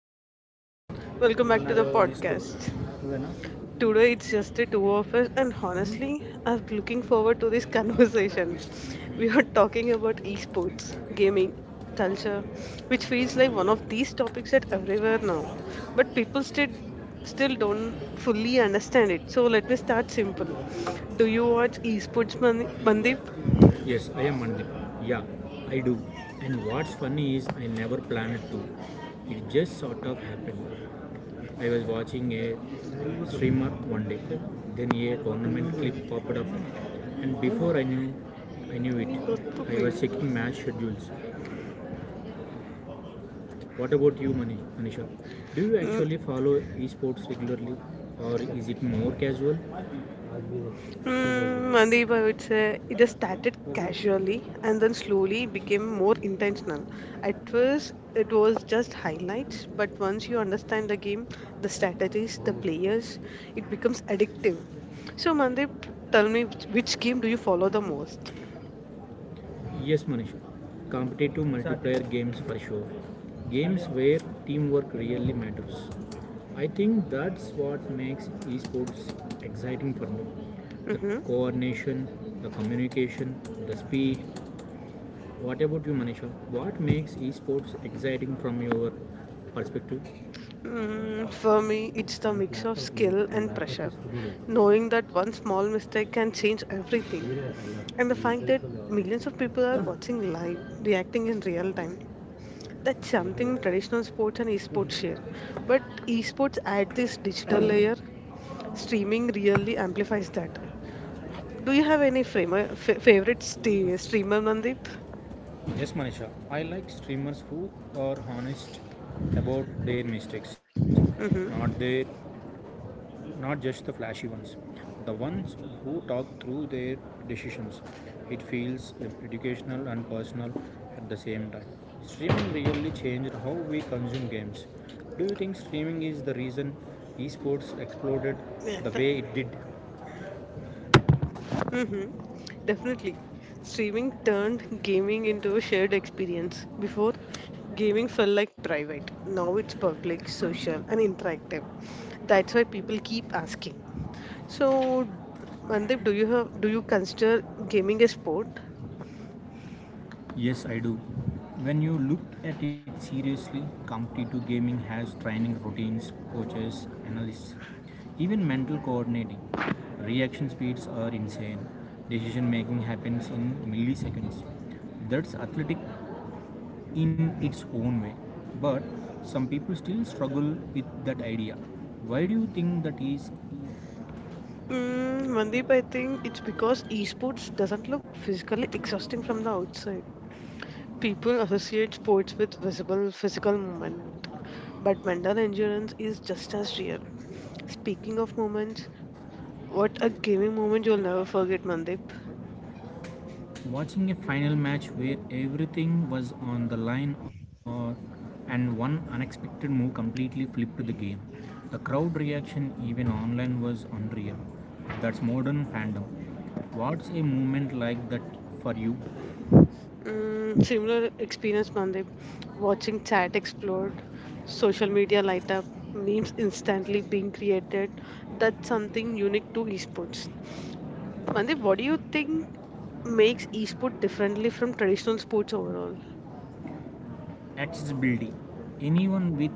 everyone, welcome back ಇದನ್ನ to the ಯಾವ್ದೋ ಒಂದು ಇಸ್ಕೂಲ್ podcast. ಇದೇನಾ Today it's just the two of us, and honestly, I'm looking forward to this conversation. We are talking about esports, gaming, culture, which feels like one of these topics that everywhere now, but people still don't fully understand it. So let me start simple. Do you watch esports, Mandip? Yes, I am Mandipa. Yeah, I do. And what's funny is I never planned it to. It just sort of happened. I was watching a streamer one day. Then a tournament clip popped up. And before I knew it, नहीं, दोस्तों, I was नहीं। checking match schedules. What about you, Manisha? Do you actually follow esports regularly or is it more casual? Mandeep, I would say it just started casually and then slowly became more intentional. At first, it was just highlights, but once you understand the game, the strategies, the players, it becomes addictive. So, Mandeep, tell me which game do you follow the most? Yes, Manish. Competitive multiplayer games for sure. Games where teamwork really matters. I think that's what makes esports exciting for me. The Mm-hmm. coordination, the communication, the speed. What about you, Manisha? What makes esports exciting from your perspective? For me, it's the నాకు mix of laptop లేదు skill and and laptop pressure, తీసుకుపోలేదు knowing that one small mistake can change everything, మీరే and the fact that millions of people are watching live, reacting in real time. That's something traditional sports and esports share. But esports add this digital layer. Streaming really amplifies that. Do you have any favorite streamer, Mandeep? Yes, Manisha. I like streamers who are honest about their mistakes, not their, Mm-hmm. not just the flashy ones. The ones who talk through their decisions. It feels educational and personal at the same time. Streaming really changed how we consume games. Do you think streaming is the reason esports exploded Yeah. the way it did? Mm-hmm. Definitely. Streaming turned gaming into a shared experience. Before, gaming felt like private. Now it's public, social, and interactive. That's why people keep asking. So, Mandeep, do you consider gaming a sport? Yes, I do. When you look at it seriously, competitive gaming has training routines, coaches, analysts, even mental coordinating. Reaction speeds are insane. Decision making happens in milliseconds. That's athletic in its own way. But some people still struggle with that idea. Why do you think that is? Mandeep, I think it's because esports doesn't look physically exhausting from the outside. People associate sports with visible physical movement, but mental endurance is just as real. Speaking of moments, what a gaming moment you'll never forget, Mandeep. Watching a final match where everything was on the line or and one unexpected move completely flipped the game. The crowd reaction, even online, was unreal. That's modern fandom. What's a moment like that for you? Similar experience, Mandeep. Watching chat explode, social media light up, memes instantly being created. That's something unique to esports. Mandeep, what do you think makes e-sport differently from traditional sports overall? Accessibility. Anyone with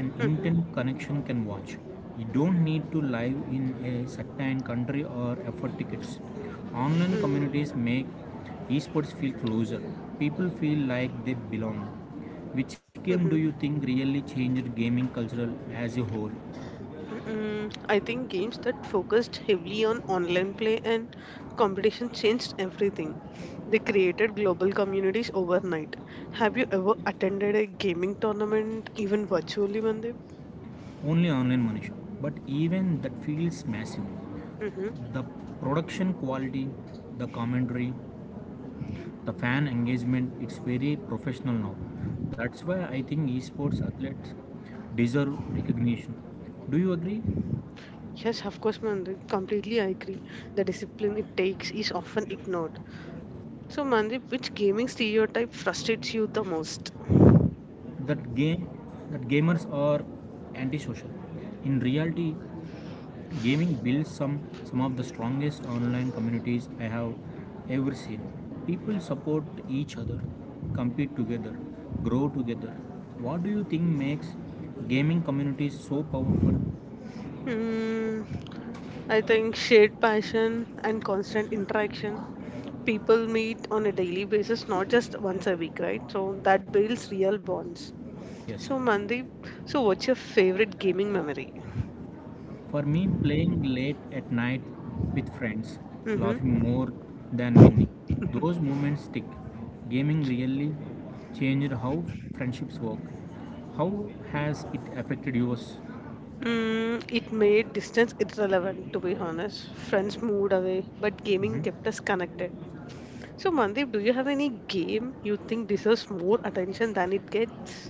an Mm-hmm. internet connection can watch. You don't need to live in a certain country or afford tickets. Online Mm. communities make esports feel closer. People feel like they belong. Which game do you Mm-hmm. think really changed gaming culture as a whole? Mm-mm. I think games that focused heavily on online play and competition changed everything. They created global communities overnight. Have you ever attended a gaming tournament, even virtually, Mandip? Only online, Manish. But even that feels massive. Mm-hmm. The production quality, the commentary, the fan engagement, it's very professional now. That's why I think esports athletes deserve recognition. Do you agree? Yes, of course, Mandip. Completely, I agree. The discipline it takes is often ignored. So, Mandip, which gaming stereotype frustrates you the most? That game that gamers are antisocial? In reality, gaming builds some of the strongest online communities I have ever seen. People support each other, compete together, grow together. What do you think makes gaming communities so powerful? Hmm. I think shared passion and constant interaction. People meet on a daily basis, not just once a week, right? So that builds real bonds. Yes. So, Mandeep, so what's your favorite gaming memory? For me, playing late at night with friends, laughing more Mm-hmm. than winning, those moments stick. Gaming really changed how friendships work. How has it affected yours? It made distance irrelevant, to be honest. Friends moved away, but gaming Mhm. kept us connected. So, Mandeep, do you have any game you think deserves more attention than it gets?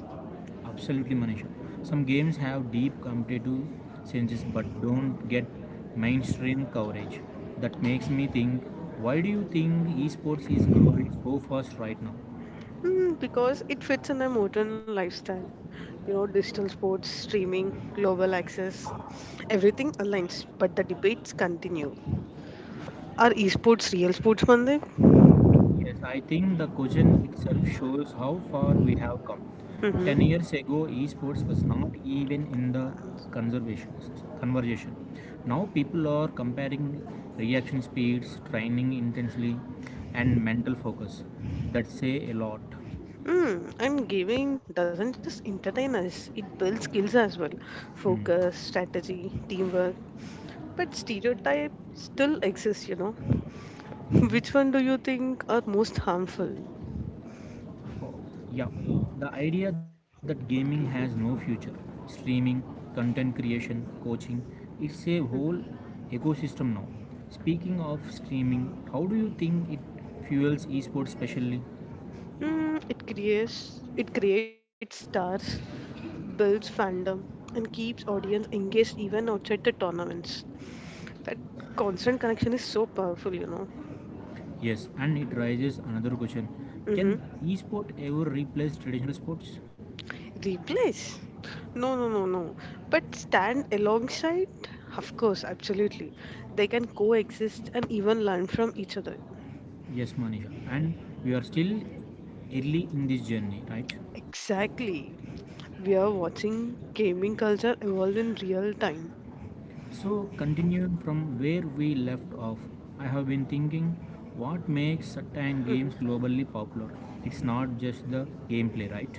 Absolutely, Manisha. Some games have deep competitive senses but don't get mainstream coverage. That makes me think, why do you think esports is growing so fast right now? Because it fits in a modern lifestyle. You know, digital sports, streaming, global access, everything aligns, but the debates continue. Are esports real sports, Mandeep? Yes, I think the question itself shows how far we have come. Ten Mm-hmm. years ago, esports was not even in the conservation conversation. Now people are comparing reaction speeds, training intensely, and mental focus. That say a lot. And gaming doesn't just entertain us, it builds skills as well focus, strategy, teamwork. But stereotype still exists, you know. Which one do you think are most harmful? Yeah, the idea that gaming has no Gaming. future, streaming, content creation, coaching, it's a Mm, whole ecosystem now. Speaking of streaming, how do you think it fuels esports specially? it creates stars, builds fandom, and keeps audience engaged even outside the tournaments. That constant connection is so powerful, you know. Yes, and it raises another question. Mm-hmm. Can esport ever replace traditional sports? Replace? No, no, no, no. But stand alongside? Of course, absolutely. They can coexist and even learn from each other. Yes, Manisha, and we are still early in this journey, right? Exactly. We are watching gaming culture evolve in real time. So, continuing from where we left off, I have been thinking, what makes certain Mm-hmm. games globally popular? It's not just the gameplay, right?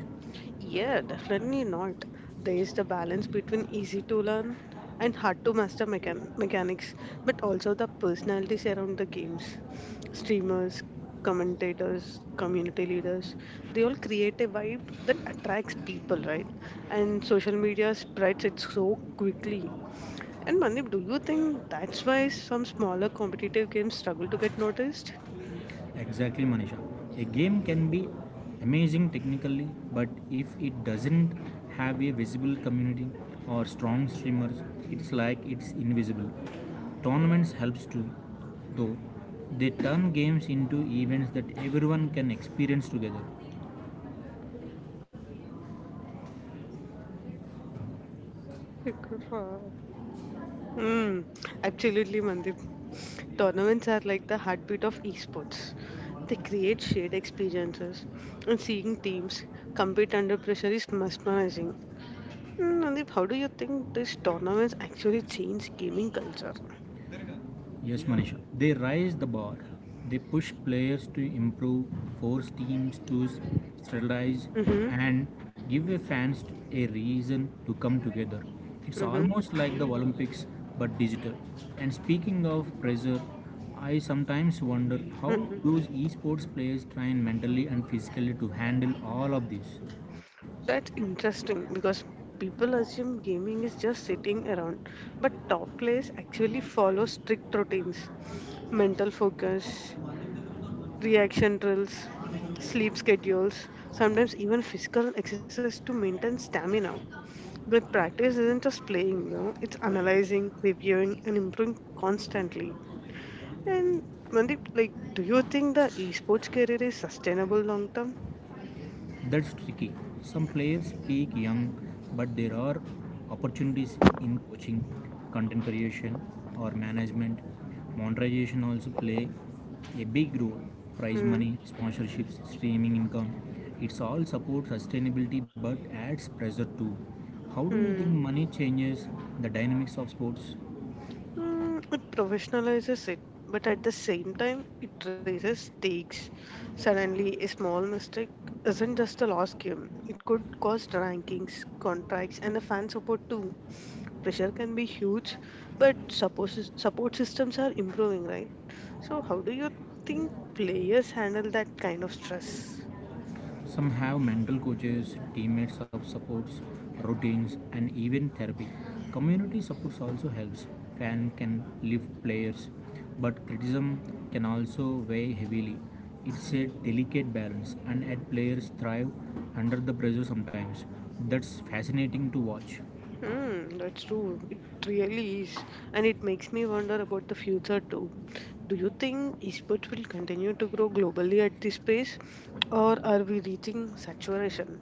Yeah, definitely not. There is the balance between easy to learn and hard to master mechanics, but also the personalities around the games. Streamers, commentators, community leaders, they all create a vibe that attracts people, right? And social media spreads it so quickly. And Manip, do you think that's why some smaller competitive games struggle to get noticed? Exactly, Manisha. A game can be amazing technically, but if it doesn't have a visible community or strong streamers, it's like it's invisible. Tournaments helps too, though. They turn games into events that everyone can experience together. Mm, absolutely, Mandip. Tournaments are like the heartbeat of esports. They create shared experiences, and seeing teams compete under pressure is mesmerizing. Mandip, how do you think these tournaments actually change gaming culture? Yes, Manisha. They raise the bar. They push players to improve, force teams to strategize, Mm-hmm, and give a fans a reason to come together. It's mm-hmm, almost like the Olympics, but digital. And speaking of pressure, I sometimes wonder how mm-hmm. those esports players train mentally and physically to handle all of this. That's interesting because people assume gaming is just sitting around, but top players actually follow strict routines, mental focus, reaction drills, sleep schedules, sometimes even physical exercise to maintain stamina. But practice isn't just playing, you know, it's analyzing, reviewing, and improving constantly. And Mandeep, like, do you think the esports career is sustainable long term? That's tricky. Some players peak young, but there are opportunities in coaching, content creation, or management. Monetization also play a big role. Prize Hmm. money, sponsorships, streaming income. It's all support sustainability but adds pressure too. How do you think Hmm. money changes the dynamics of sports? It professionalizes it, but at the same time, it raises stakes. Suddenly, a small mistake isn't just a lost game, it could cost rankings, contracts, and the fan support too. Pressure can be huge, but support systems are improving, right? So, how do you think players handle that kind of stress? Some have mental coaches, teammates of supports, routines, and even therapy. Community supports also helps. Fans can lift players, but criticism can also weigh heavily. It's a delicate balance, and at players thrive under the pressure sometimes. That's fascinating to watch. Hmm, that's true. It really is. And it makes me wonder about the future too. Do you think esports will continue to grow globally at this pace, or are we reaching saturation?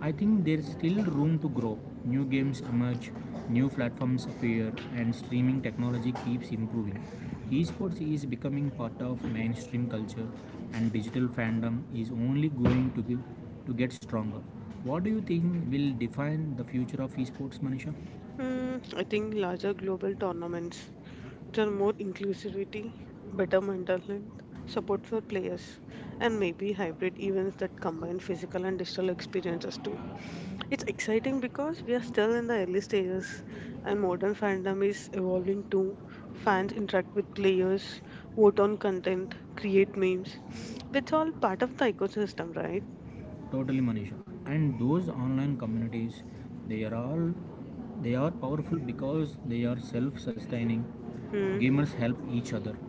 I think there's still room to grow. New games emerge, new platforms appear, and streaming technology keeps improving. Esports is becoming part of mainstream culture, and digital fandom is only going to get stronger. What do you think will define the future of esports, Manisha? Hmm, I think larger global tournaments, which are more inclusivity, better mental health, support for players, and maybe hybrid events that combine physical and digital experiences too. It's exciting because we are still in the early stages and modern fandom is evolving too. Fans interact with players, vote on content, create memes. That's all part of the ecosystem, right? Totally, Manisha. And those online communities, they are all they are powerful because they are self-sustaining. Hmm. Gamers help each other,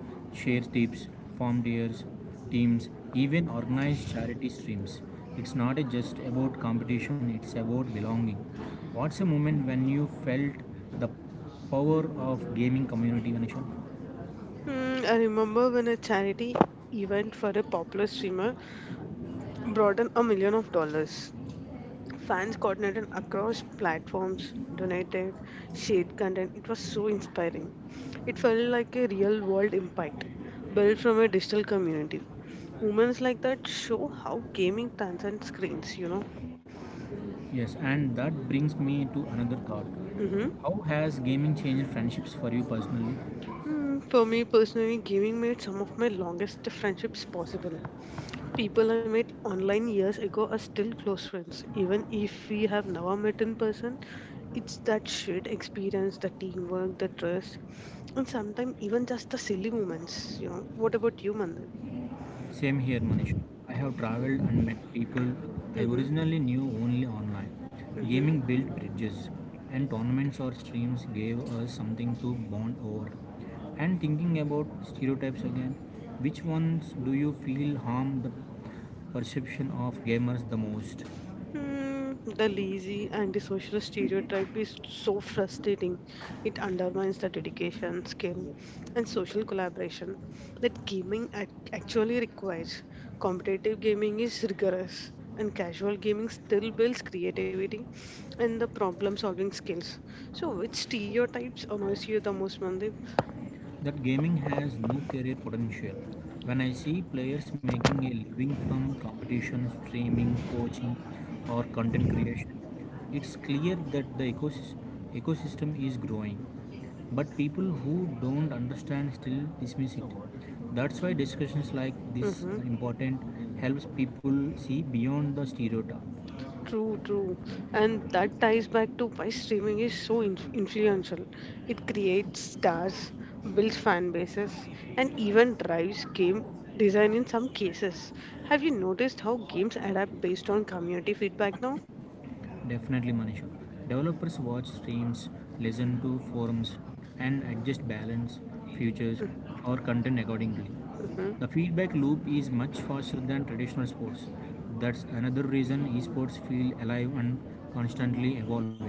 share tips, form tiers, teams, even organize charity streams. It's not just about competition, it's about belonging. What's a moment when you felt the power of gaming community, Manisha? Hmm, I remember when a charity event for a popular streamer brought in a million of dollars. Fans coordinated across platforms, donated, shared content. It was so inspiring. It felt like a real world impact built from a digital community. Moments like that show how gaming transcends screens. Yes, and that brings me to another thought. Mm-hmm. How has gaming changed friendships for you personally? For me personally, gaming made some of my longest friendships possible. People I met online years ago are still close friends, even if we have never met in person. It's that shared experience, the teamwork, the trust, and sometimes even just the silly moments. What about you, Mandip? Same here, Manish. I have traveled and met people I Mm-hmm. originally knew only online. Mm-hmm. Gaming built bridges, and tournaments or streams gave us something to bond over. And thinking about stereotypes again, which ones do you feel harm the perception of gamers the most? Hmm, the lazy antisocial stereotype is so frustrating. It undermines the dedication, skill, and social collaboration that gaming actually requires. Competitive gaming is rigorous, and casual gaming still builds creativity and the problem solving skills. So, which stereotypes annoys you the most, Mandeep? That gaming has no career potential. When I see players making a living from competition, streaming, coaching, or content creation, it's clear that the ecosystem is growing. But people who don't understand still dismiss it. That's why discussions like this are important, helps people see beyond the stereotype. True, true. And that ties back to why streaming is so influential. It creates stars, builds fan bases, and even drives game design in some cases. Have you noticed how games adapt based on community feedback now? Definitely, Manisha. Developers watch streams, listen to forums, and adjust balance, features, or content accordingly. Mhm. The feedback loop is much faster than traditional sports. That's another reason esports feel alive and constantly evolving.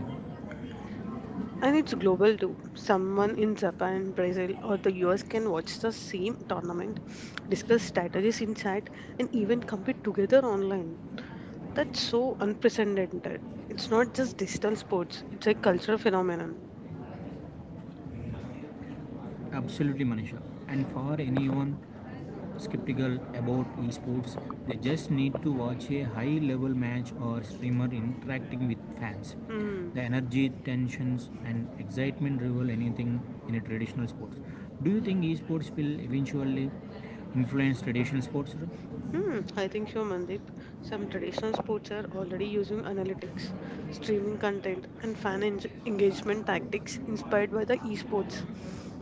And it's global too. Someone in Japan, Brazil, or the US can watch the same tournament, discuss strategies in chat, and even compete together online. That's so unprecedented. It's not just digital sports, it's a cultural phenomenon. Absolutely, Manisha. And for anyone skeptical about esports, they just need to watch a high level match or streamer interacting with fans. Hmm. The energy, tensions, and excitement rival anything in a traditional sports. Do you think esports will eventually influence traditional sports? Hmm. I think so, Mandeep. Some traditional sports are already using analytics, streaming content, and fan engagement tactics inspired by the esports.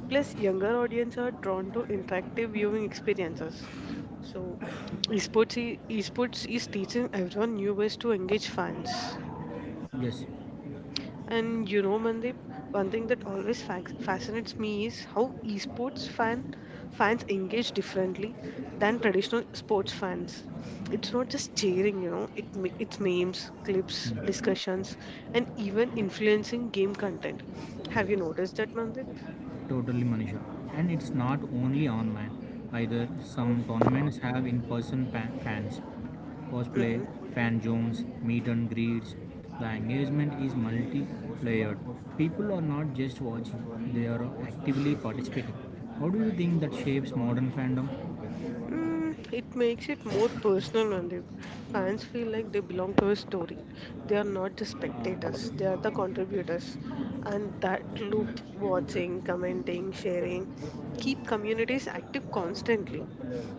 Plus, younger audience are drawn to interactive viewing experiences. So, esports is teaching everyone new ways to engage fans. Yes. And you know, Mandeep, one thing that always fac fascinates me is how esports fans engage differently than traditional sports fans. It's not just cheering, it's memes, clips, discussions, and even influencing game content. Have you noticed that, Mandeep? Totally, Manisha. And it's not only online either. Some tournaments have in-person fans, cosplay, Mm-hmm. fan zones, meet and greets. The engagement is multi-layered. People are not just watching; they are actively participating. How do you think that shapes modern fandom? It makes it more personal, and Nandip. Fans feel like they belong to a story. They are not just spectators, they are the contributors. And that loop, watching, commenting, sharing, keep communities active constantly.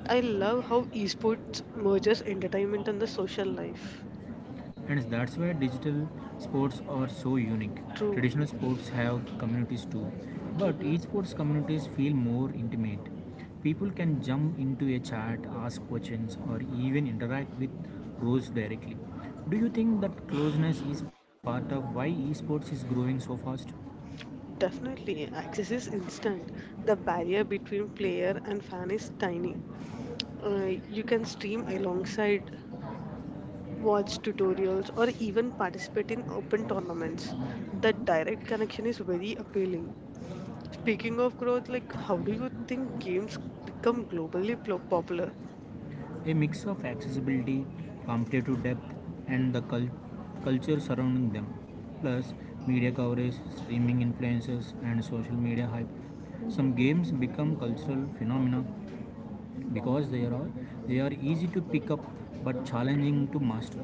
I love how esports merges entertainment and the social life. And that's why digital sports are so unique. True. Traditional sports have communities too, but hmm esports communities feel more intimate. People can jump into a chat, ask questions, or even interact with pros directly. Do you think that closeness is part of why esports is growing so fast? Definitely. Access is instant. The barrier between player and fan is tiny. You can stream alongside watch tutorials, or even participate in open tournaments. That direct connection is very appealing. Speaking of growth, like how do you think games become globally popular? A mix of accessibility, competitive depth, and the culture surrounding them, plus media coverage, streaming influences, and social media hype. Some games become cultural phenomena because they are easy to pick up but challenging to master.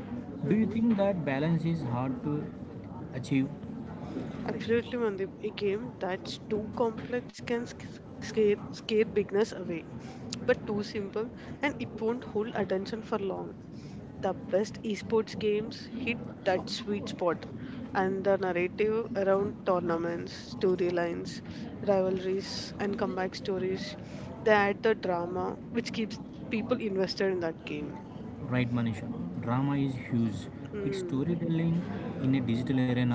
Do you hmm think that balance is hard to achieve? Absolutely, Mandip. A game that's too complex can scare beginners away, but too simple and it won't hold attention for long. The best esports games hit that sweet spot, and the narrative around tournaments, storylines, rivalries, and comeback stories, they add the drama which keeps people invested in that game. Right, Manisha. Drama is huge. It's Mm. storytelling in a digital arena,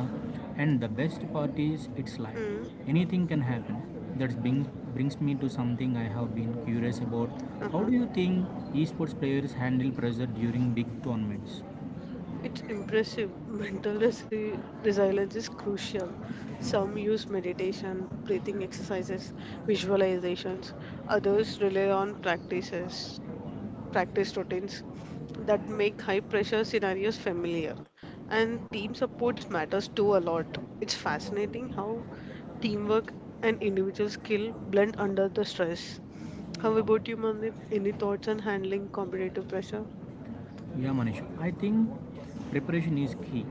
and the best part is it's live. Mm. Anything can happen. That brings me to something I have been curious about. How Uh-huh. do you think esports players handle pressure during big tournaments? It's impressive. Mental resilience is crucial. Some use meditation, breathing exercises, visualizations. Others rely on practice routines that make high pressure scenarios familiar. And team supports matters too a lot. It's fascinating how teamwork and individual skill blend under the stress. How about you, Mandip? Any thoughts on handling competitive pressure? Yeah, Manish. I think preparation is key.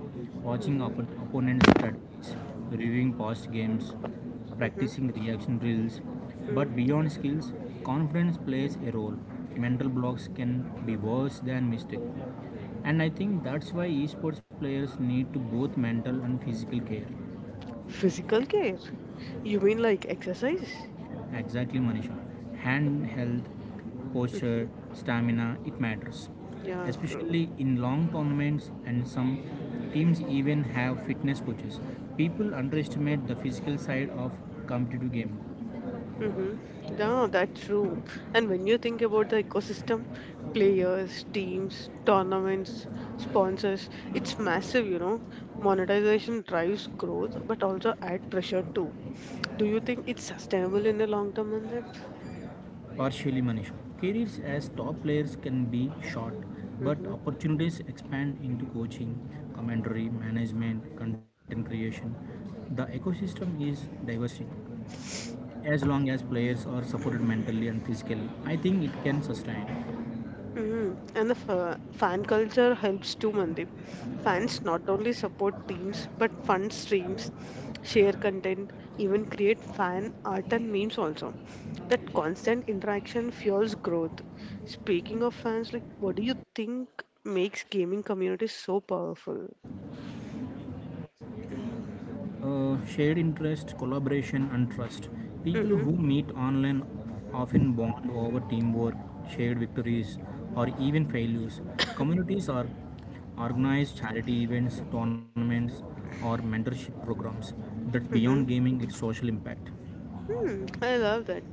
Watching Mm-hmm. Opponents' strategies, reviewing past games, Mm-hmm. practicing reaction drills. But Mm. beyond skills, confidence plays a role. Mental blocks can be worse than mistake. And I think that's why esports players need to both mental and physical care. Physical care? You mean like exercise? Exactly, Manisha. Hand health, posture, Mm-hmm. stamina, it matters. Yeah, true. Especially in long tournaments, and some teams even have fitness coaches. People underestimate the physical side of competitive game. Mm-hmm. Yeah, that's true. And when you think about the ecosystem, players, teams, tournaments, sponsors, it's massive. Monetization drives growth, but also add pressure too. Do you think it's sustainable in the long term, Mandeep? Partially, Manisha. Careers as top players can be short, but Mm-hmm. opportunities expand into coaching, commentary, management, content creation. The ecosystem is diversity. As long as players are supported mentally and physically, I think it can sustain. And the fan culture helps too, Mandip. Fans not only support teams but fund streams, share content, even create fan art and memes also. That constant interaction fuels growth. Speaking of fans, like what do you think makes gaming communities so powerful? Shared interest, collaboration, and trust. People who Mm-hmm. meet online often bond over teamwork, shared victories, or even failures. Communities are organized charity events, tournaments, or mentorship programs. That's beyond Mm-hmm. gaming, its social impact. Hmm, I love that.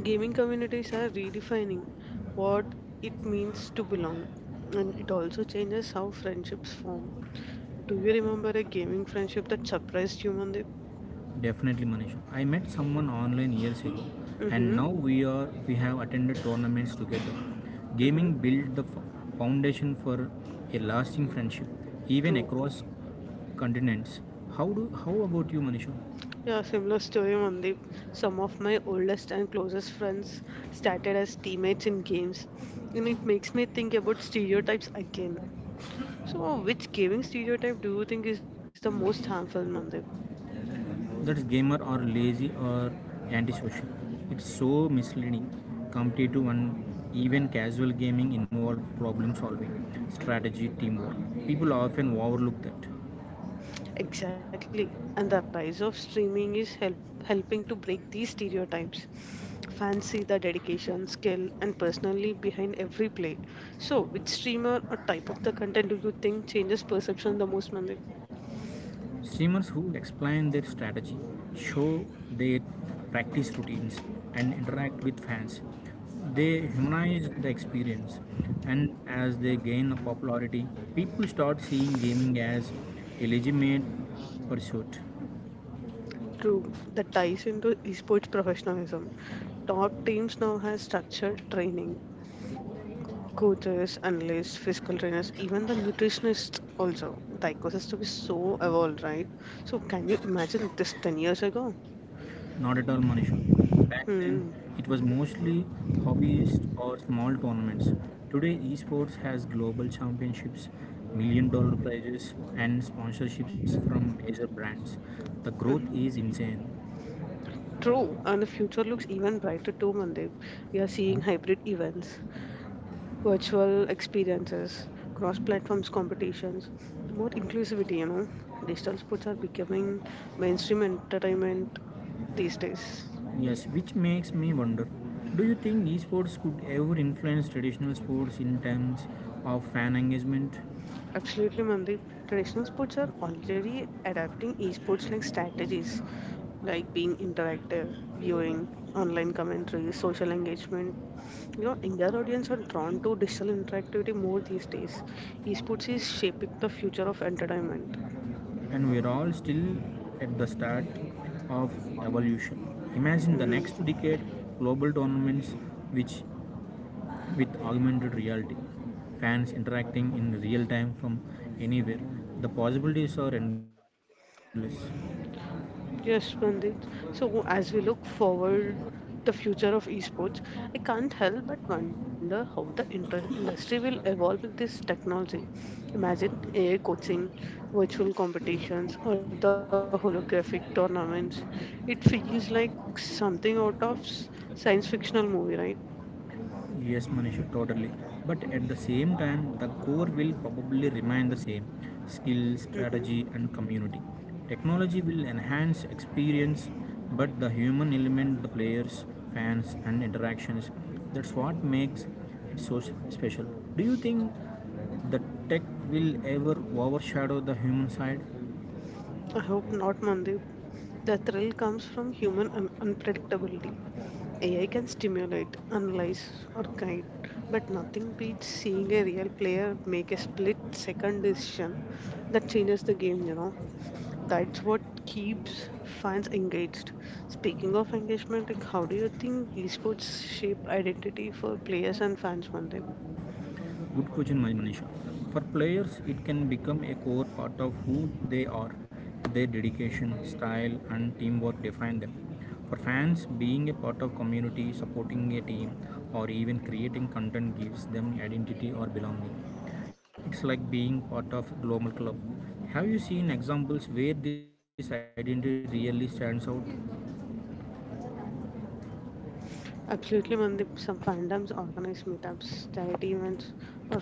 Gaming communities are redefining what it means to belong, and it also changes how friendships form. Do you remember a gaming friendship that surprised you, Mandeep? Definitely, Manisha. I met someone online years ago, and Mm-hmm. now we have attended tournaments together. Mm-hmm. Gaming built the foundation for a lasting friendship, even True. across continents. How about you, Manisha? Yeah, similar story, Mandeep. Some of my oldest and closest friends started as teammates in games, and it makes me think about stereotypes again. So, which gaming stereotype do you think is the most harmful, Mandeep? That's gamer or lazy or antisocial. It's so misleading. Competitive and even casual gaming involve problem solving, strategy, teamwork. People often overlook that. Exactly. And the rise of streaming is helping to break these stereotypes. Fancy the dedication, skill, and personally behind every play. So, which streamer or type of the content do you think changes perception the most, Mandit? Streamers who explain their strategy, show their practice routines, and interact with fans. They humanize the experience, and as they gain popularity, people start seeing gaming as a legitimate pursuit. True, that ties into esports professionalism. Top teams now have structured training, coaches, analysts, physical trainers, even the nutritionists also. The ecosystem is so evolved, right? So, can you imagine this 10 years ago? Not at all, Manisha. Back then, Hmm. it was mostly hobbyist or small tournaments. Today, esports has global championships, million dollar prizes, and sponsorships from major brands. The growth is insane. True, and the future looks even brighter too, Mandip. We are seeing hybrid events, virtual experiences, cross platforms competitions, more inclusivity. Digital sports are becoming mainstream entertainment these days. Yes, which makes me wonder, do you think esports could ever influence traditional sports in terms of fan engagement? Absolutely, Mandeep. Traditional sports are already adapting esports like strategies, like being interactive, viewing, online commentary, social engagement. You know, Indian audience are drawn to digital interactivity more these days. Esports is shaping the future of entertainment. And we're all still at the start of evolution. Imagine the Hmm. next decade, global tournaments which with augmented reality, fans interacting in real time from anywhere, the possibilities are endless. Yes, Mandip. So, as we look forward the future of esports, I can't help but wonder how the industry will evolve with this technology. Imagine AI coaching, virtual competitions, or the holographic tournaments. It feels like something out of science fictional movie, right? Yes, Manisha, totally. But at the same time, the core will probably remain the same, skill, hmm strategy, and community. Technology will enhance experience, but the human element, the players, fans, and interactions, that's what makes it so special. Do you think the tech will ever overshadow the human side? I hope not, Mandip. The thrill comes from human unpredictability. AI can stimulate, analyze, or guide, but nothing beats seeing a real player make a split second decision that changes the game. That's what keeps fans engaged. Speaking of engagement, like how do you think esports shape identity for players and fans, Mandip? Good question, Manisha. For players, it can become a core part of who they are. Their dedication, style, and teamwork define them. For fans, being a part of community, supporting a team, or even creating content gives them identity or belonging. It's like being part of a global club. Have you seen examples where this identity really stands out? Absolutely, Mandip. Some fandoms organize meetups, charity events, or fan-led tournaments.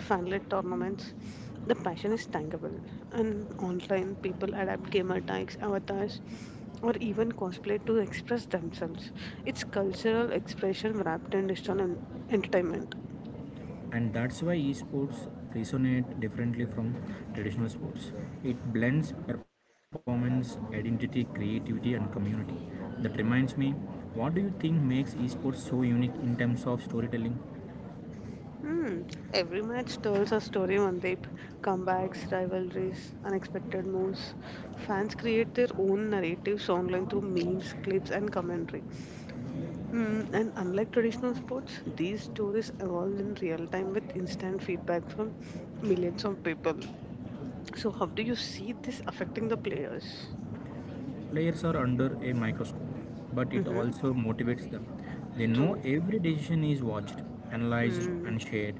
The passion is tangible, and online people adapt gamer tags, avatars, or even cosplay to express themselves. It's cultural expression wrapped in digital entertainment. And that's why esports resonate differently from traditional sports. It blends performance, identity, creativity, and community. That reminds me, what do you think makes esports so unique in terms of storytelling? Hmm. Every match tells a story on deep comebacks, rivalries, unexpected moves. Fans create their own narratives online through memes, clips, and commentary. Mm, and unlike traditional sports, these stories evolve in real time with instant feedback from millions of people. So, how do you see this affecting the players? Players are under a microscope, but it Mm-hmm. also motivates them. They know True. every decision is watched, analyzed, Hmm. and shared.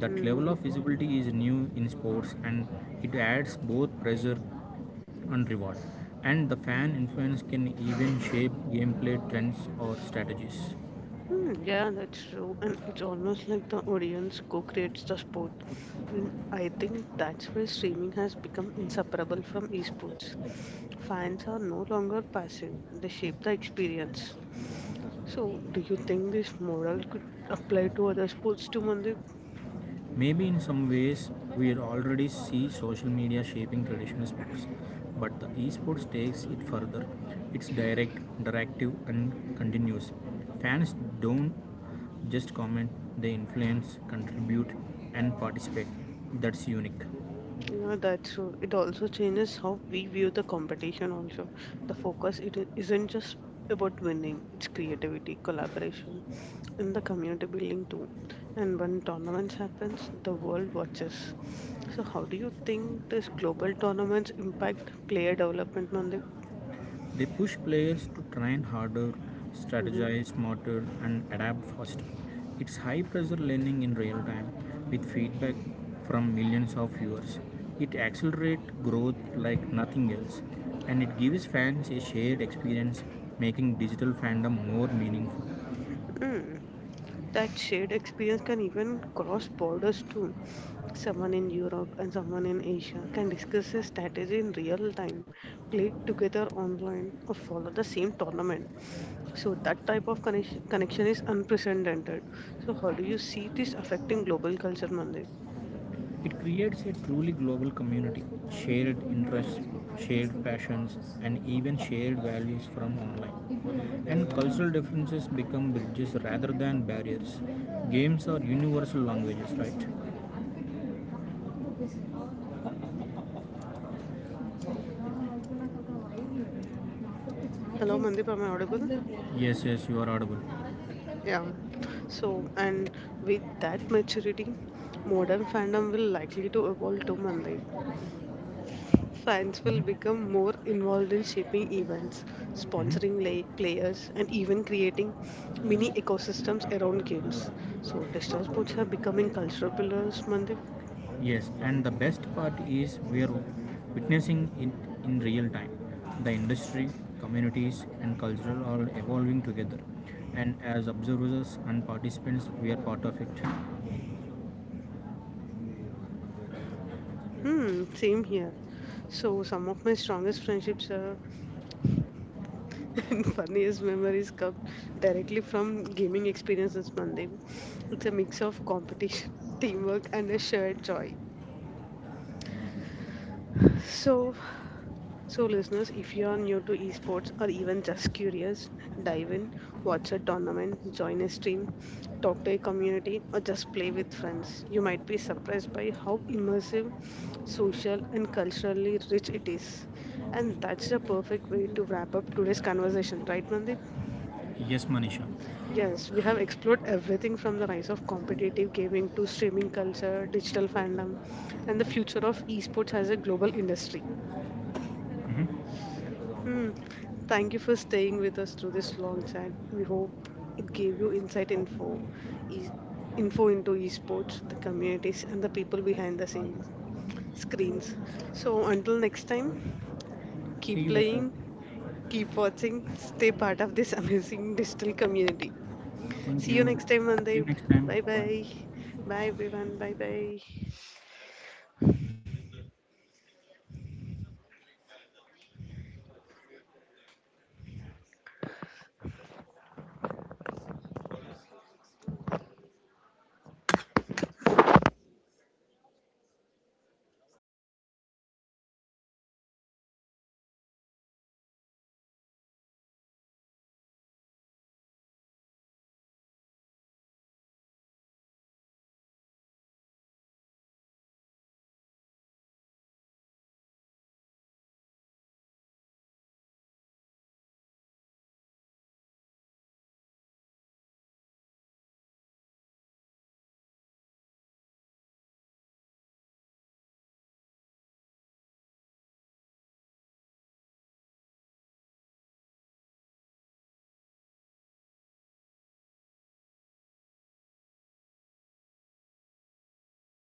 That level Hmm. of visibility is new in sports, and it adds both pressure and reward. And the fan influence can even shape gameplay trends or strategies. Hmm, yeah, that's true. And it's almost like the audience co creates the sport. And I think that's why streaming has become inseparable from esports. Fans are no longer passive, they shape the experience. So, do you think this model could apply to other sports too, Mandeep? Maybe in some ways, we already see social media shaping traditional sports, but the esports takes it further. It's direct, interactive, and continuous. Fans don't just comment, they influence, contribute, and participate. That's unique. Yeah, that's true. It also changes how we view the competition also. The focus isn't just about winning, it's creativity, collaboration, and the community building too. And when tournaments happens, the world watches. So how do you think this global tournaments impact player development, Mandik? They push players to train harder, strategize smarter, and adapt faster. It's high pressure learning in real time with feedback from millions of viewers. It accelerates growth like nothing else, and it gives fans a shared experience, making digital fandom more meaningful. Mm-hmm. That shared experience can even cross borders too. Someone in Europe and someone in Asia can discuss a strategy in real time, play together online, or follow the same tournament. So, that type of connection is unprecedented. So, how do you see this affecting global culture, Mandip? It creates a truly global community, shared interests, shared passions, and even shared values from online. And cultural differences become bridges rather than barriers. Games are universal languages, right? Hello, Mandip, am I audible? Yes, yes, you are audible. Yeah. So, and with that maturity, modern fandom will likely to evolve too, Mandip. Fans will become more involved in shaping events, sponsoring Mm-hmm. Players, and even creating mini Mm-hmm. ecosystems around games. So, digital sports are becoming cultural pillars, Mandip. Yes, and the best part is we are witnessing it in real time. The industry, communities, and culture are evolving together, and as observers and participants, we are part of it. Hmm, same here. So, some of my strongest friendships are and funniest memories come directly from gaming experiences, Mandip. It's a mix of competition, teamwork, and a shared joy. So, So, listeners, if you are new to esports or even just curious, dive in, watch a tournament, join a stream, talk to a community, or just play with friends. You might be surprised by how immersive, social, and culturally rich it is. And that's the perfect way to wrap up today's conversation, right, Mandeep? Yes, Manisha. Yes, we have explored everything from the rise of competitive gaming to streaming culture, digital fandom, and the future of esports as a global industry. Mhm. Hmm. Thank you for staying with us through this long chat. We hope it gave you insight info, e- info into esports, the communities, and the people behind the scenes screens. So until next time, See you keep later. playing, keep watching, stay part of this amazing digital community. Thank See you you. next time, See you Mandeep. next time. Bye bye. Bye. Bye everyone. Bye bye.